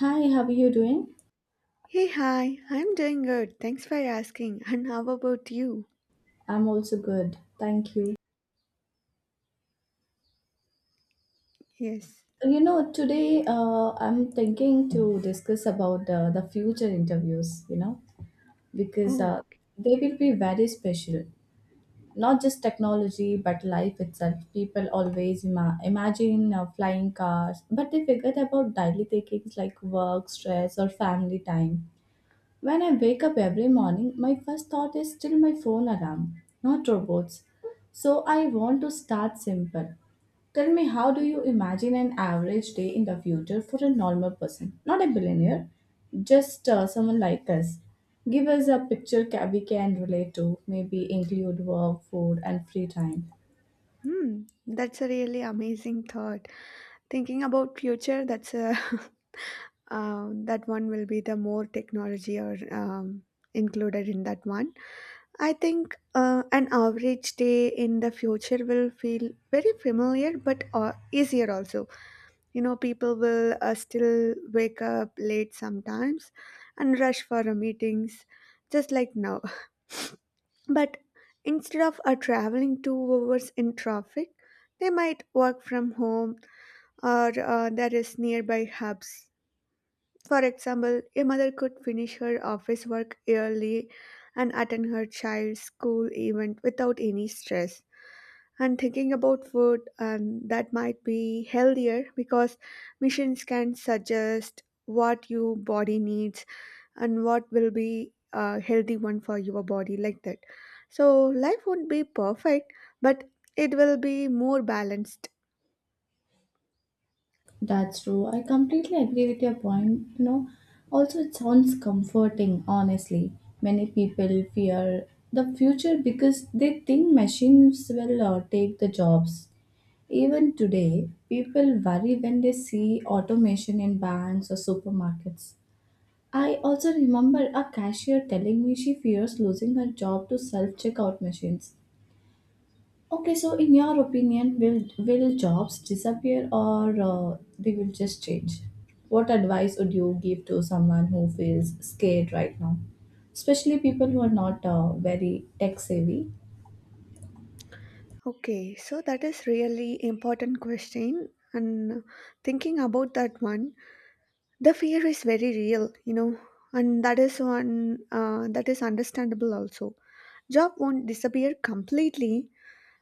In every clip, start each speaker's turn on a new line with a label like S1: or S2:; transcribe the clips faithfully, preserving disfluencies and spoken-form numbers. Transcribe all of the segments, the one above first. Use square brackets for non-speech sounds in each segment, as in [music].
S1: Hi, how are you doing?
S2: Hey, hi. I'm doing good. Thanks for asking. And how about you?
S1: I'm also good. Thank you.
S2: Yes.
S1: You know, today uh, I'm thinking to discuss about uh, the future interviews, you know, because
S2: Oh,
S1: uh, they will be very special. Not just technology, but life itself. People always ima- imagine uh, flying cars, but they forget about daily takings like work, stress, or family time. When I wake up every morning, my first thought is still my phone alarm, not robots. So I want to start simple. Tell me, how do you imagine an average day in the future for a normal person? Not a billionaire, just uh, someone like us. Give us a picture ca- we can relate to, maybe include work, food, and free time.
S2: hmm. That's a really amazing thought. Thinking about future, that's a [laughs] um, that one will be the more technology or um, included in that one. I think uh, an average day in the future will feel very familiar, but uh, easier also. You know, people will uh, still wake up late sometimes and rush for uh, meetings, just like now. But instead of uh, traveling two hours in traffic, they might work from home or uh, there is nearby hubs. For example, a mother could finish her office work early and attend her child's school event without any stress. And thinking about food, and that might be healthier because machines can suggest what your body needs and what will be a healthy one for your body like that, so life won't be perfect, but it will be more balanced.
S1: That's true. I completely agree with your point. You know, also it sounds comforting, honestly. Many people fear the future because they think machines will uh, take the jobs. Even today, people worry when they see automation in banks or supermarkets. I also remember a cashier telling me she fears losing her job to self checkout machines. Okay, so in your opinion, will will jobs disappear or uh, they will just change? What advice would you give to someone who feels scared right now, especially people who are not uh, very tech savvy?
S2: Okay, so that is really important question, and thinking about that one, the fear is very real, you know, and that is one, uh, that is understandable also. Job won't disappear completely,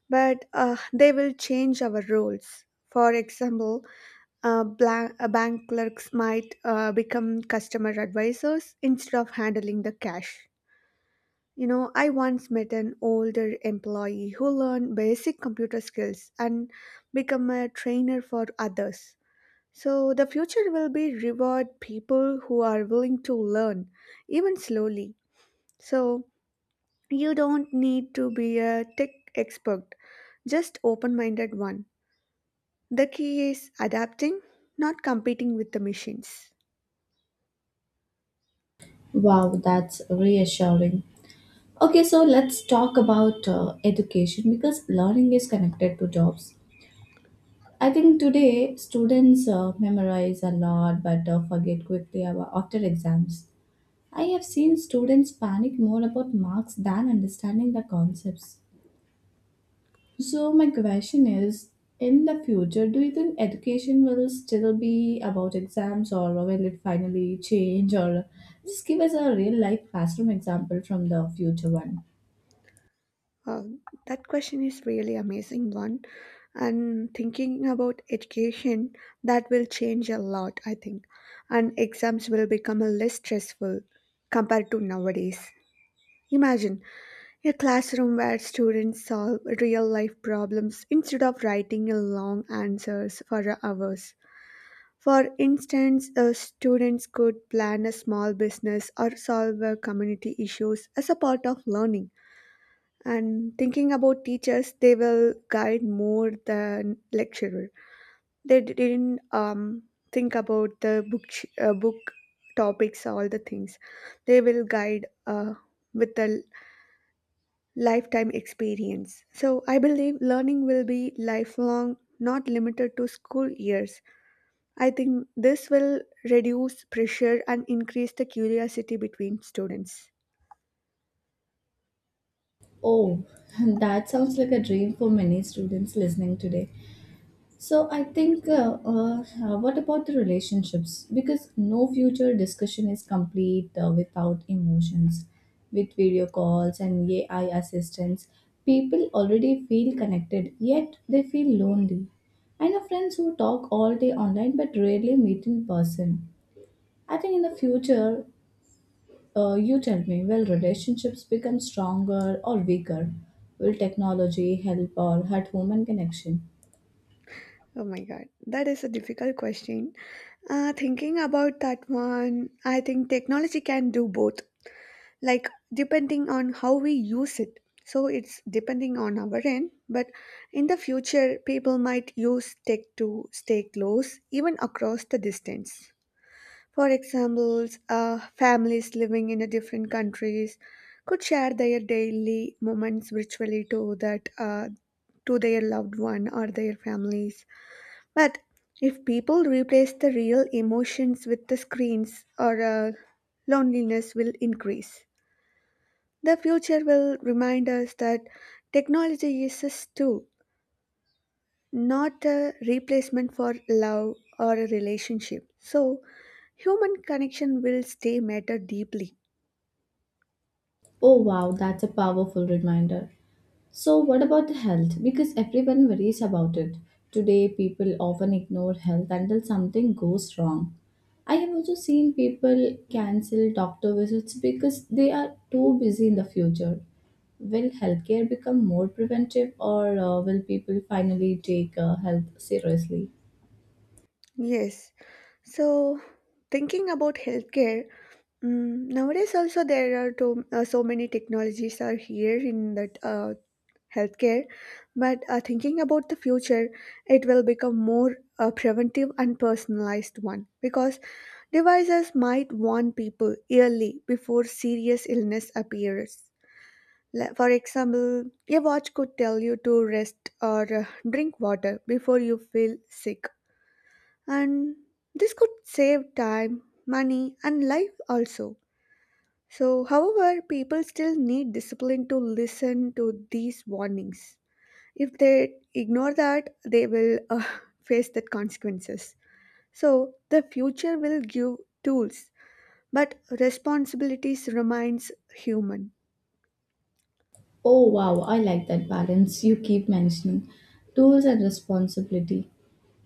S2: but uh, they will change our roles. For example, Uh, blank, uh, bank clerks might uh, become customer advisors instead of handling the cash. You know, I once met an older employee who learned basic computer skills and become a trainer for others. So the future will be reward people who are willing to learn, even slowly. So you don't need to be a tech expert, just open-minded one. The key is adapting, not competing with the machines.
S1: Wow, that's reassuring. Okay, so let's talk about uh, education because learning is connected to jobs. I think today students uh, memorize a lot but uh, forget quickly about after exams. I have seen students panic more about marks than understanding the concepts. So, my question is, in the future, do you think education will still be about exams or will it finally change? Or just give us a real life classroom example from the future one.
S2: Uh, that question is really amazing one, and thinking about education, that will change a lot, I think. And exams will become a less stressful compared to nowadays. Imagine a classroom where students solve real life problems instead of writing a long answers for hours. For instance, uh, students could plan a small business or solve uh, community issues as a part of learning. And thinking about teachers, they will guide more than lecturer. They didn't um, think about the book ch- uh, book topics all the things. They will guide uh, with a lifetime experience. So I believe learning will be lifelong, not limited to school years. I think this will reduce pressure and increase the curiosity between students.
S1: Oh, [laughs] that sounds like a dream for many students listening today. So I think, uh, uh, what about the relationships? Because no future discussion is complete uh, without emotions. With video calls and A I assistance, people already feel connected, yet they feel lonely. I know friends who talk all day online but rarely meet in person. I think in the future, uh, you tell me, will relationships become stronger or weaker? Will technology help or hurt human connection?
S2: Oh my god, that is a difficult question. Uh, thinking about that one, I think technology can do both, like depending on how we use it. So it's depending on our end, but in the future, people might use tech to stay close, even across the distance. For examples, uh, families living in a different countries could share their daily moments virtually to that uh, to their loved one or their families. But if people replace the real emotions with the screens or uh, loneliness will increase. The future will remind us that technology is a tool, not a replacement for love or a relationship. So human connection will stay matter deeply.
S1: Oh wow, that's a powerful reminder. So, what about the health? Because everyone worries about it. Today, people often ignore health until something goes wrong. I have also seen people cancel doctor visits because they are too busy. In the future, will healthcare become more preventive, or uh, will people finally take uh, health seriously?
S2: Yes. So thinking about healthcare, mm nowadays also there are to, uh, so many technologies are here in that uh, healthcare. But uh, thinking about the future, it will become more a preventive and personalized one because devices might warn people early before serious illness appears. Like, for example, a watch could tell you to rest or uh, drink water before you feel sick, and this could save time, money, and life also. So, however, people still need discipline to listen to these warnings. If they ignore that, they will uh, [laughs] face that consequences. So the future will give tools, but responsibilities remains human.
S1: Oh wow, I like that balance you keep mentioning. Tools and responsibility.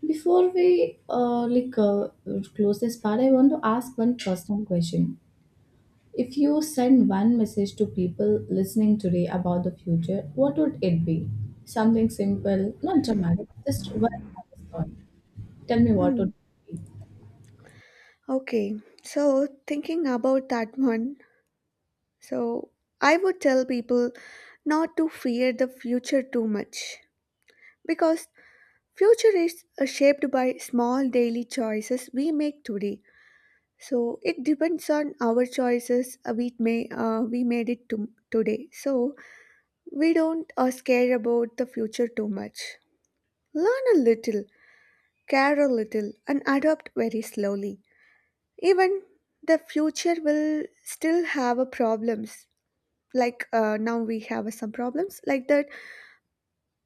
S1: Before we uh, like uh, close this part, I want to ask one personal question. If you send one message to people listening today about the future, what would it be? Something simple, not dramatic, just one honest thought. Tell me what
S2: Hmm.
S1: would it be.
S2: Okay, so thinking about that one, so I would tell people not to fear the future too much because future is uh, shaped by small daily choices we make today. So it depends on our choices, uh, we may uh, we made it to today. So we don't uh, scare about the future too much. Learn a little, care a little, and adopt very slowly. Even the future will still have a problems. Like uh, now we have uh, some problems, like that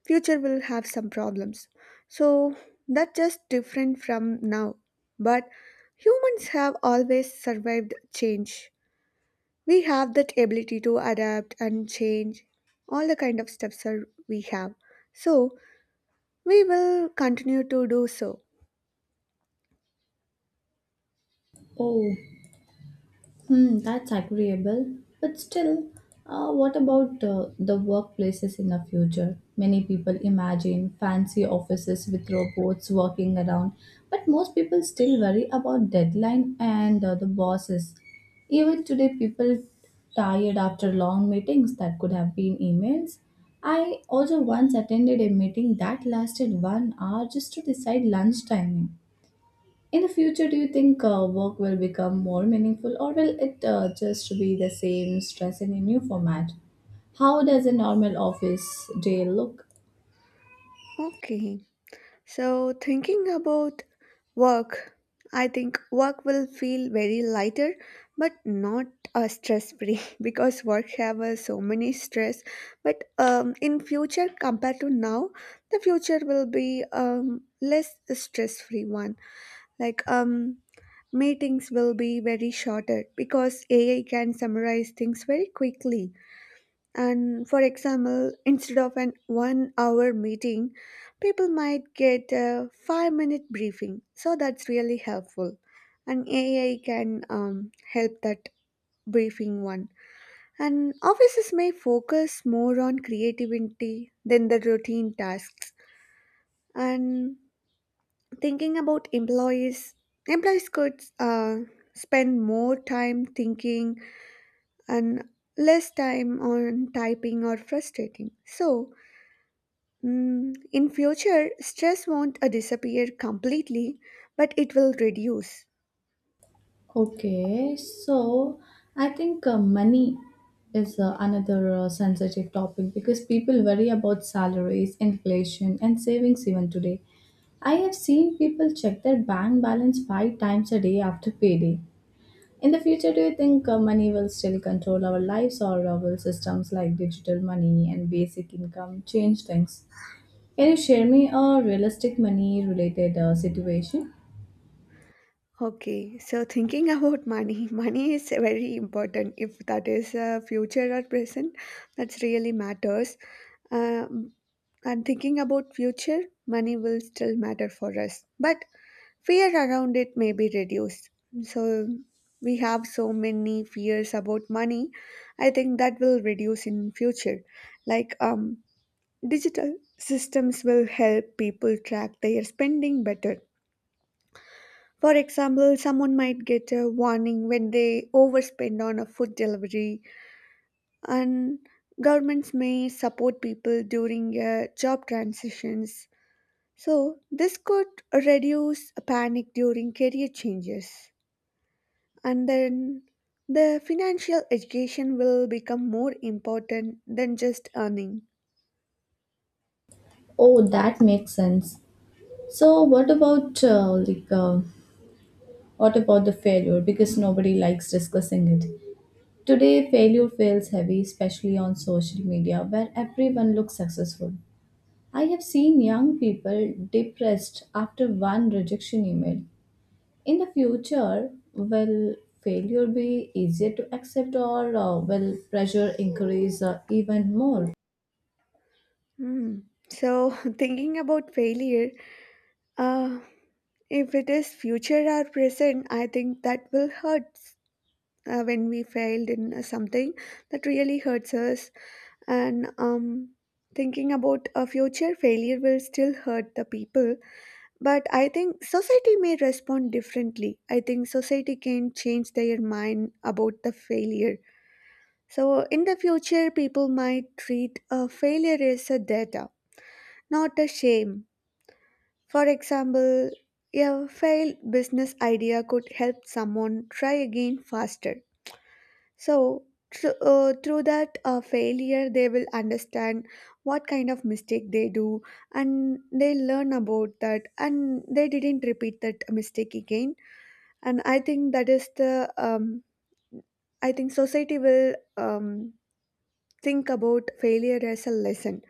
S2: future will have some problems. So that's just different from now. But humans have always survived change. We have that ability to adapt and change. All the kind of steps are we have. So we will continue to do so.
S1: Oh. Hmm, that's agreeable. But still, uh, what about uh, the workplaces in the future? Many people imagine fancy offices with robots working around, but most people still worry about deadline and uh, the bosses. Even today, people tired after long meetings that could have been emails. I also once attended a meeting that lasted one hour just to decide lunch timing. In the future, do you think uh, work will become more meaningful or will it uh, just be the same stress in a new format? How does a normal office day look?
S2: Okay. So, thinking about work, I think work will feel very lighter but not uh, stress free [laughs] because work have uh, so many stress. But um, in future compared to now, the future will be um, less stress free one. Like um meetings will be very shorter because ai can summarize things very quickly. And for example, instead of an one hour meeting, people might get a five minute briefing, so that's really helpful. And ai can um, help that briefing one. And offices may focus more on creativity than the routine tasks. And thinking about employees, employees could uh, spend more time thinking and less time on typing or frustrating. So, Mm, in future, stress won't uh, disappear completely, but it will reduce.
S1: Okay, so I think uh, money is uh, another uh, sensitive topic because people worry about salaries, inflation, and savings even today. I have seen people check their bank balance five times a day after payday. In the future, do you think uh, money will still control our lives or uh, will systems like digital money and basic income change things? Can you share me a realistic money related uh, situation?
S2: Okay, so thinking about money, [laughs] money is very important. If that is uh, future or present, that's really matters. Um, and thinking about future, money will still matter for us, but fear around it may be reduced. So we have so many fears about money. I think that will reduce in future. Like um, digital systems will help people track their spending better. For example, someone might get a warning when they overspend on a food delivery, and governments may support people during uh, job transitions. So, this could reduce panic during career changes. And then the financial education will become more important than just earning.
S1: Oh, that makes sense. So, what about uh, like uh, what about the failure? Because nobody likes discussing it. Today, failure feels heavy, especially on social media, where everyone looks successful. I have seen young people depressed after one rejection email. In the future, will failure be easier to accept or uh, will pressure increase uh, even more?
S2: Hmm. So, [laughs] thinking about failure, uh, if it is future or present, I think that will hurt uh, when we failed in uh, something, that really hurts us. And um, thinking about a future, failure will still hurt the people. But I think society may respond differently. I think society can change their mind about the failure. So in the future, people might treat a failure as a data, not a shame. For example, a failed business idea could help someone try again faster. So, thr- uh, through that uh, failure, they will understand what kind of mistake they do, and they learn about that, and they didn't repeat that mistake again. And I think that is the, um, I think society will um, think about failure as a lesson,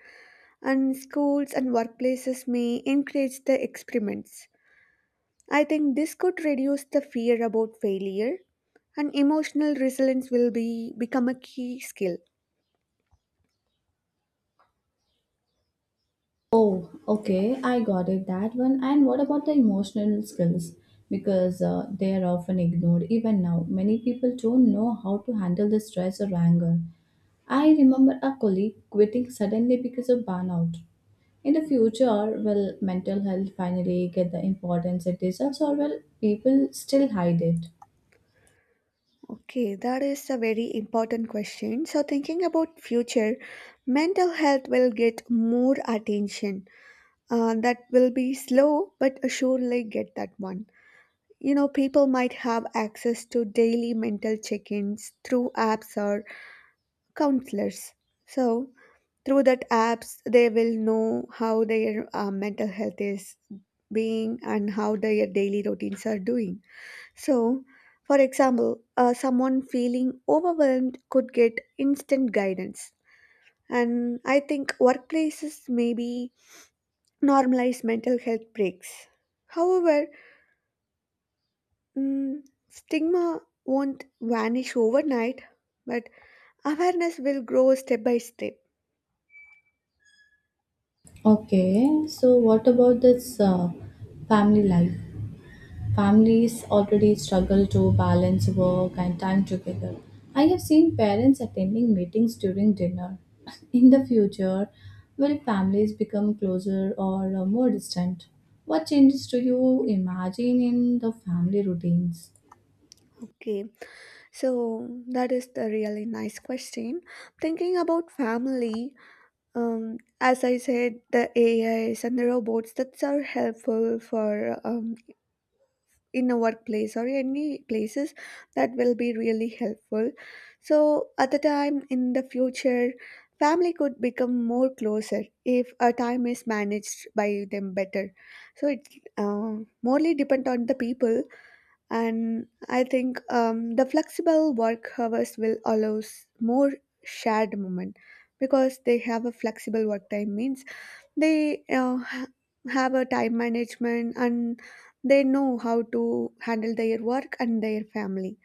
S2: and schools and workplaces may encourage the experiments. I think this could reduce the fear about failure, and emotional resilience will be become a key skill.
S1: Oh, okay, I got it that one. And what about the emotional skills? Because uh, they are often ignored even now. Many people don't know how to handle the stress or anger. I remember a colleague quitting suddenly because of burnout. In the future, will mental health finally get the importance it deserves, or will people still hide it?
S2: Okay, that is a very important question. So thinking about future, mental health will get more attention. Uh, that will be slow, but surely get that one. You know, people might have access to daily mental check-ins through apps or counselors. So through that apps they will know how their uh, mental health is being and how their daily routines are doing. So for example, uh, someone feeling overwhelmed could get instant guidance. And I think workplaces maybe normalize mental health breaks. However, mm, stigma won't vanish overnight, but awareness will grow step by step.
S1: Okay, so what about this uh, family life? Families already struggle to balance work and time together. I have seen parents attending meetings during dinner. [laughs] In the future, will families become closer or uh, more distant? What changes do you imagine in the family routines?
S2: Okay, so that is the really nice question. Thinking about family, um, as I said, the A Is and the robots that are helpful for um, in a workplace or any places, that will be really helpful. So at the time in the future, family could become more closer if a time is managed by them better. So it uh, morely depend on the people. And I think um, the flexible work hours will allow s- more shared moment. Because they have a flexible work time means they uh, ha- have a time management, and they know how to handle their work and their family.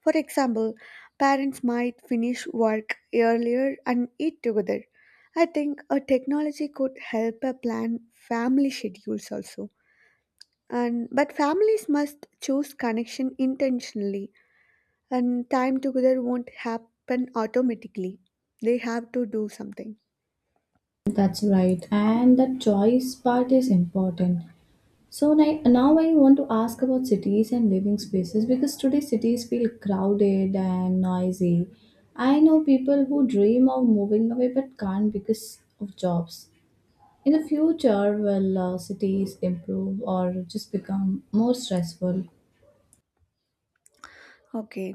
S2: For example, parents might finish work earlier and eat together. I think a technology could help a plan family schedules also. And but families must choose connection intentionally, and time together won't happen automatically. They have to do something.
S1: That's right, and the choice part is important. So ni- now I want to ask about cities and living spaces because today cities feel crowded and noisy. I know people who dream of moving away but can't because of jobs. In the future, will uh, cities improve or just become more stressful?
S2: Okay,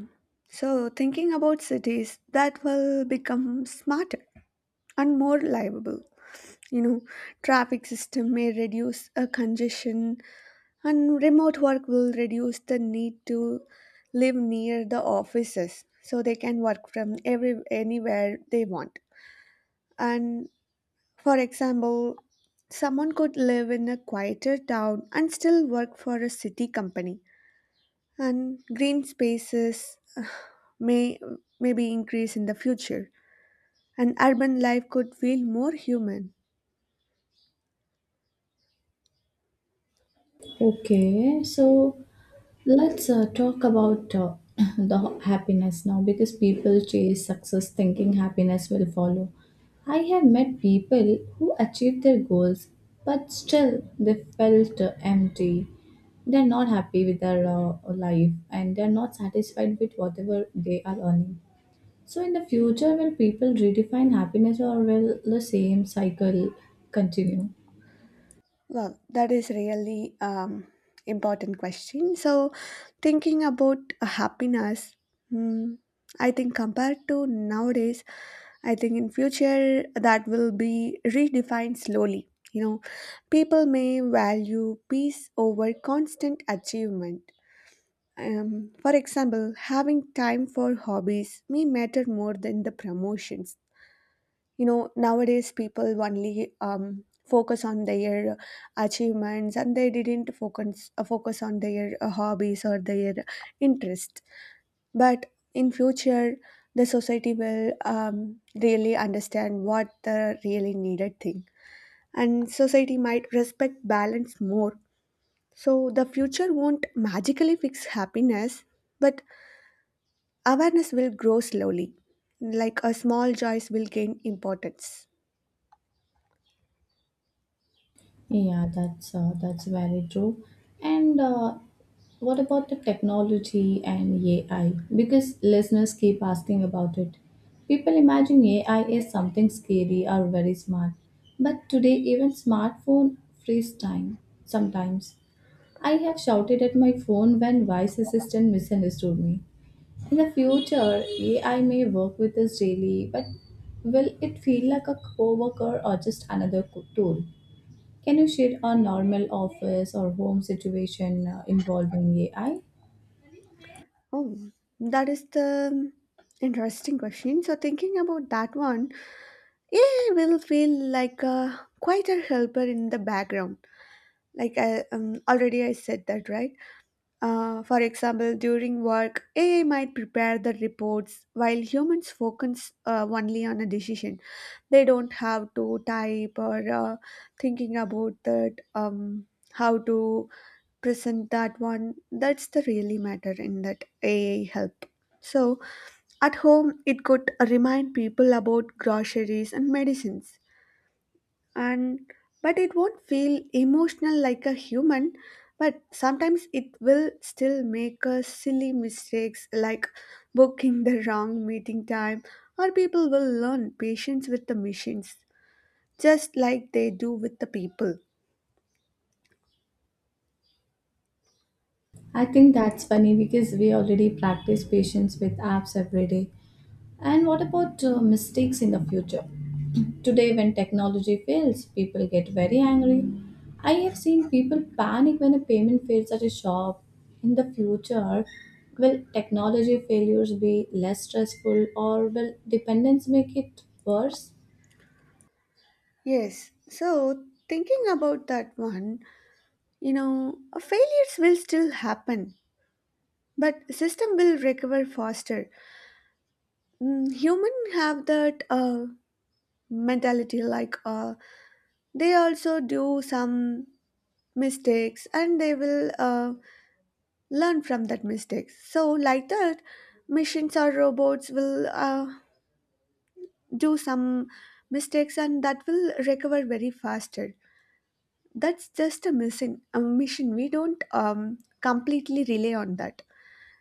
S2: so thinking about cities, that will become smarter and more livable. You know, traffic system may reduce a congestion, and remote work will reduce the need to live near the offices, so they can work from every anywhere they want. And for example, someone could live in a quieter town and still work for a city company. And green spaces uh, may maybe increase in the future, and urban life could feel more human.
S1: Okay, so let's uh, talk about uh, [laughs] [clears throat] the happiness now because people chase success thinking happiness will follow. I have met people who achieved their goals but still they felt uh, empty. They're not happy with their uh, life and they're not satisfied with whatever they are earning. So, in the future, will people redefine happiness or will the same cycle continue?
S2: Well, that is really um, important question. So, thinking about happiness, hmm, I think compared to nowadays, I think in future that will be redefined slowly. You know, people may value peace over constant achievement. Um, for example, having time for hobbies may matter more than the promotions. You know, nowadays people only um, focus on their achievements, and they didn't focus uh, focus on their uh, hobbies or their interests. But in future, the society will um, really understand what the really needed thing, and society might respect balance more. So the future won't magically fix happiness, but awareness will grow slowly, like a small choice will gain importance.
S1: Yeah, that's uh, that's very true. And uh, what about the technology and A I? Because listeners keep asking about it. People imagine A I is something scary or very smart, but today even smartphone frees time. Sometimes I have shouted at my phone when voice assistant misunderstood me. In the future, A I may work with us daily, but will it feel like a coworker or just another co- tool? Can you share a normal office or home situation uh, involving A I?
S2: Oh, that is the interesting question. So thinking about that one, A I will feel like a quieter helper in the background. Like I, um, already I said that right uh, for example, during work, A I might prepare the reports while humans focus uh, only on a decision. They don't have to type or uh, thinking about that um, how to present that one that's the really matter in that A I help. So at home, it could remind people about groceries and medicines. And but it won't feel emotional like a human. But sometimes it will still make us silly mistakes like booking the wrong meeting time. Or people will learn patience with the machines, just like they do with the people.
S1: I I think that's funny because we already practice patience with apps every day. And what about uh, mistakes in the future? [clears throat] Today, when technology fails, people get very angry. I have seen people panic when a payment fails at a shop. In the future, will technology failures be less stressful or will dependence make it worse?
S2: Yes, so thinking about that one, you know, failures will still happen, but system will recover faster. Mm, human have that uh, mentality, like uh, they also do some mistakes and they will uh, learn from that mistakes. So like that, machines or robots will uh, do some mistakes, and that will recover very faster. That's just a mission a mission we don't um, completely rely on that.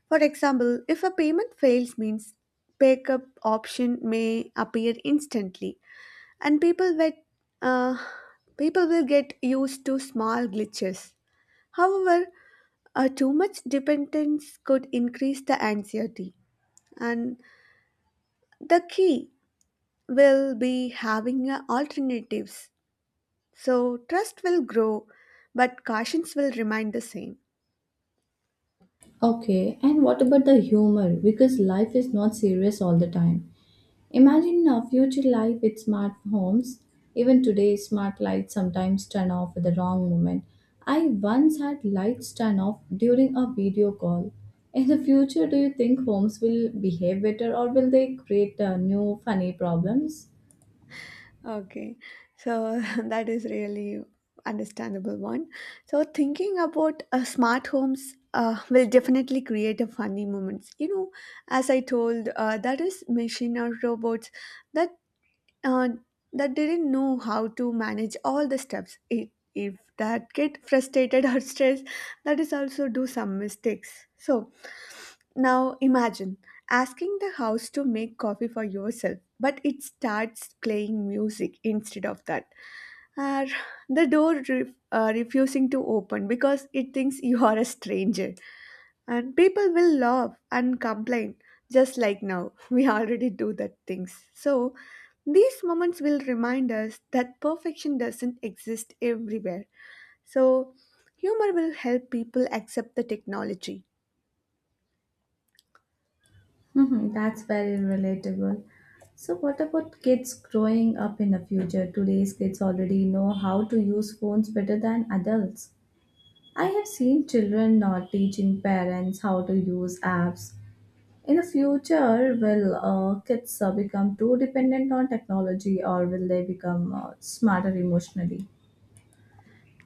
S2: For example, if a payment fails means, pick up option may appear instantly and people wait. uh, people will get used to small glitches. However, uh, too much dependence could increase the anxiety, and the key will be having uh, alternatives. So, trust will grow, but cautions will remain the same.
S1: Okay, and what about the humor? Because life is not serious all the time. Imagine a future life with smart homes. Even today, smart lights sometimes turn off at the wrong moment. I once had lights turn off during a video call. In the future, do you think homes will behave better or will they create uh, new funny problems?
S2: Okay, so [laughs] that is really understandable one. So thinking about uh, smart homes uh, will definitely create a funny moments. You know, as I told, uh, that is machine or robots that uh, that didn't know how to manage all the steps. If, if that get frustrated [laughs] or stressed, that is also do some mistakes. So now imagine asking the house to make coffee for yourself, but it starts playing music instead of that. Or the door re- uh, refusing to open because it thinks [laughs] you are a stranger. And people will laugh and complain, just like now. [laughs] We already do that things. So, these moments will remind us that perfection doesn't exist everywhere. So, humor will help people accept the technology.
S1: Mhm. That's very relatable. So, what about kids growing up in the future? Today's kids already know how to use phones better than adults. I have seen children not teaching parents how to use apps. In the future, will uh, kids uh, become too dependent on technology or will they become uh, smarter emotionally?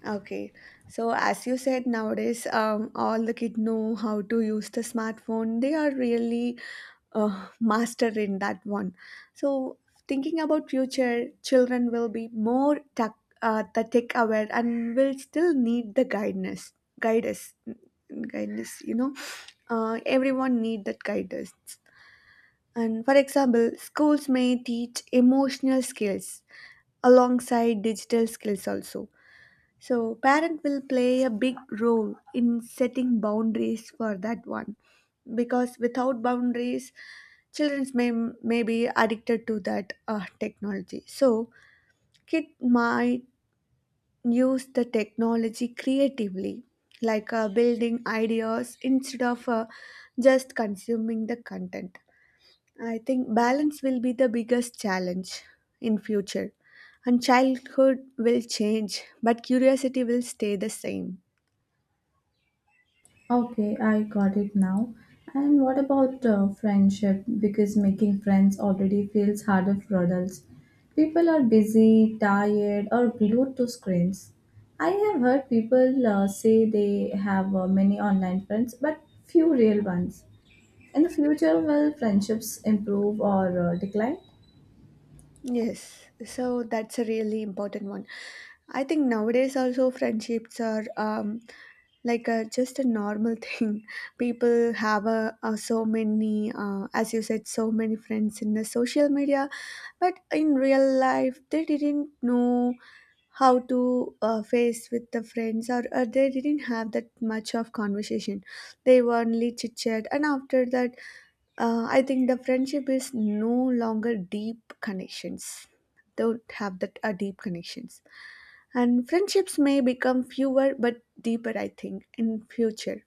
S2: Okay, so as you said, nowadays um, all the kids know how to use the smartphone. They are really uh, master in that one. So thinking about future, children will be more tech, uh, the tech aware and will still need the guidance, guidance, guidance. You know, uh, everyone need that guidance. And for example, schools may teach emotional skills alongside digital skills also. So parent will play a big role in setting boundaries for that one, because without boundaries children may may be addicted to that uh, technology. So kid might use the technology creatively, like uh, building ideas instead of uh, just consuming the content. I think balance will be the biggest challenge in future, and childhood will change but curiosity will stay the same.
S1: Okay, I got it now. And what about uh, friendship? Because making friends already feels harder for adults. People are busy, tired, or glued to screens. I have heard people uh, say they have uh, many online friends, but few real ones. In the future, will friendships improve or uh, decline?
S2: Yes, so that's a really important one. I think nowadays also friendships are um, like a, just a normal [laughs] thing. People have a, a so many, uh, as you said, so many friends in the social media, but in real life they didn't know how to uh, face with the friends, or, or they didn't have that much of conversation. They were only chit chat, and after that uh, I think the friendship is no longer deep connections. Don't have that uh, deep connections, and friendships may become fewer but deeper. I think in future,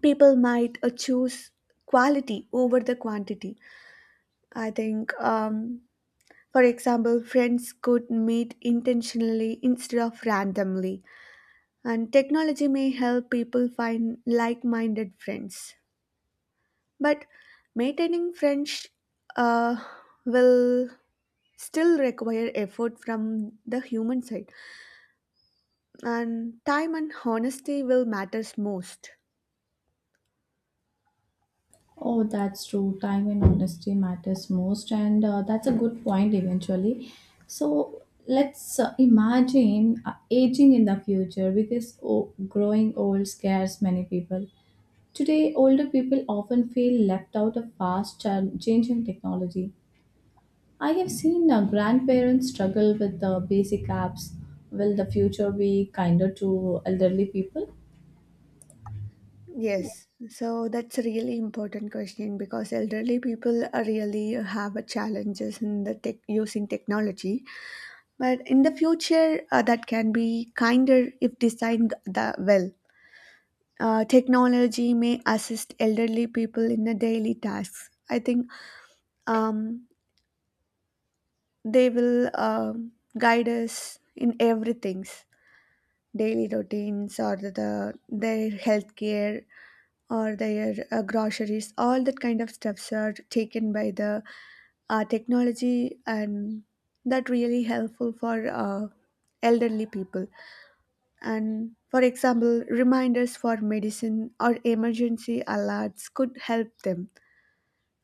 S2: people might uh, choose quality over the quantity. I think, um, for example, friends could meet intentionally instead of randomly, and technology may help people find like-minded friends. But maintaining French uh, will still require effort from the human side, and time and honesty will matters most.
S1: Oh, that's true. Time and honesty matters most, and uh, that's a good point eventually. So let's uh, imagine uh, aging in the future because oh, growing old scares many people. Today, older people often feel left out of fast cha- changing technology. I have seen uh, grandparents struggle with the basic apps. Will the future be kinder to elderly people?
S2: Yes, so that's a really important question, because elderly people are really have a challenges in the tech using technology. But in the future, uh, that can be kinder if designed the well. Uh, technology may assist elderly people in the daily tasks. I think um, they will um, guide us in everything's daily routines, or the, the their healthcare or their uh, groceries, all that kind of stuffs are taken by the uh, technology, and that really helpful for uh, elderly people. And for example, reminders for medicine or emergency alerts could help them,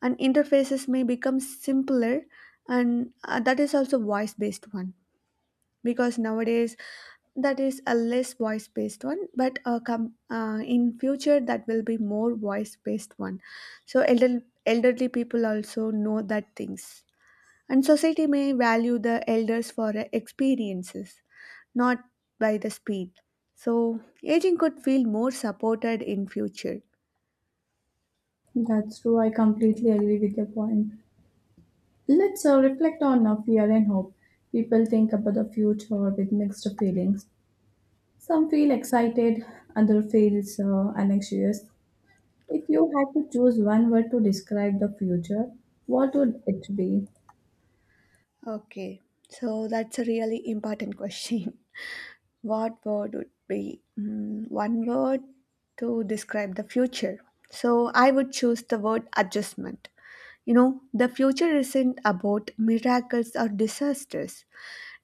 S2: and interfaces may become simpler, and uh, that is also voice based one, because nowadays that is a less voice based one, but uh, come uh, in future that will be more voice based one. So elder, elderly people also know that things, and society may value the elders for uh, experiences, not by the speed. So aging could feel more supported in future.
S1: That's true. I completely agree with your point. Let's uh, reflect on uh, fear and hope. People think about the future with mixed feelings. Some feel excited, other feels uh, anxious. If you had to choose one word to describe the future, what would it be?
S2: Okay, so that's a really important [laughs] question. What word would be, Mm, one word to describe the future. So I would choose the word adjustment. You know, the future isn't about miracles or disasters.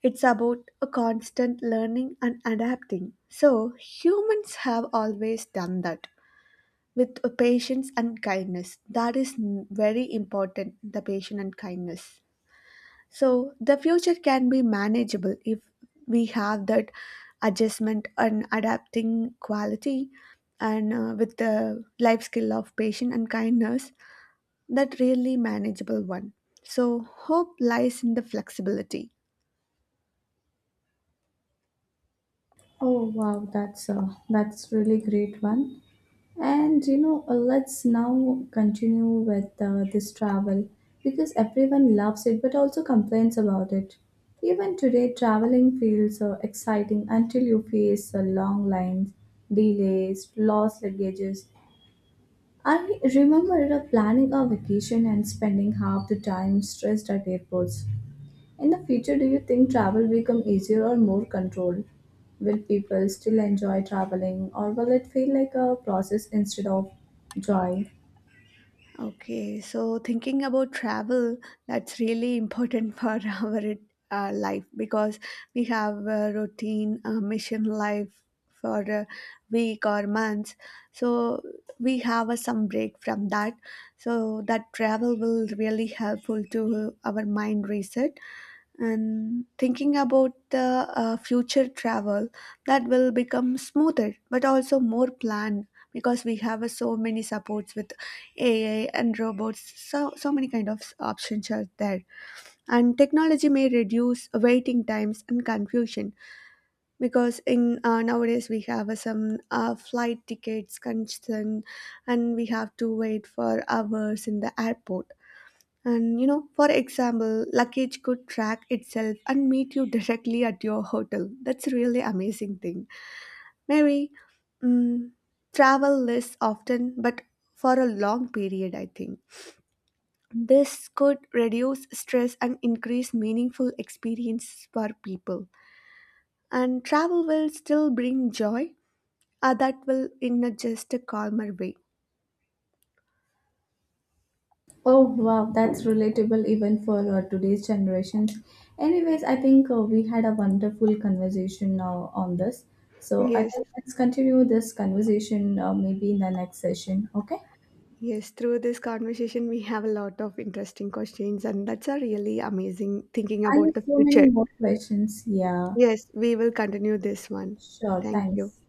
S2: It's about a constant learning and adapting. So humans have always done that with patience and kindness. That is n- very important, the patience and kindness. So the future can be manageable if we have that adjustment and adapting quality, and uh, with the life skill of patience and kindness, that really manageable one. So hope lies in the flexibility.
S1: Oh wow, that's uh, that's really great one. And you know, uh, let's now continue with uh, this travel because everyone loves it but also complains about it. Even today, traveling feels uh, exciting until you face uh, long lines, delays, lost luggages. I remember uh, planning a vacation and spending half the time stressed at airports. In the future, do you think travel become easier or more controlled? Will people still enjoy traveling or will it feel like a process instead of joy?
S2: Okay, so thinking about travel, that's really important [laughs] for our uh, life, because we have a routine, a mission life for a week or months. So we have a, some break from that. So that travel will really helpful to our mind reset. And thinking about the uh, future travel, that will become smoother but also more planned, because we have uh, so many supports with A I and robots, so so many kind of options are there. And technology may reduce waiting times and confusion, because in uh, nowadays we have uh, some uh, flight tickets concern, and we have to wait for hours in the airport. And you know, for example, luggage could track itself and meet you [laughs] directly at your hotel. That's a really amazing thing. Maybe mm, travel less often, but for a long period, I think. This could reduce stress and increase meaningful experience for people. And travel will still bring joy, uh, that will in a just a calmer way.
S1: Oh wow, that's relatable even for uh, today's generations. Anyways, I think uh, we had a wonderful conversation now on this. So I
S2: Yes.
S1: think let's continue this conversation uh, maybe in the next session. Okay?
S2: Yes, through this conversation, we have a lot of interesting questions, and that's a really amazing thinking
S1: I
S2: about
S1: have
S2: the
S1: so many
S2: future.
S1: more questions. Yeah,
S2: Yes, we will continue this one.
S1: sure.
S2: Thank you.
S1: Thanks.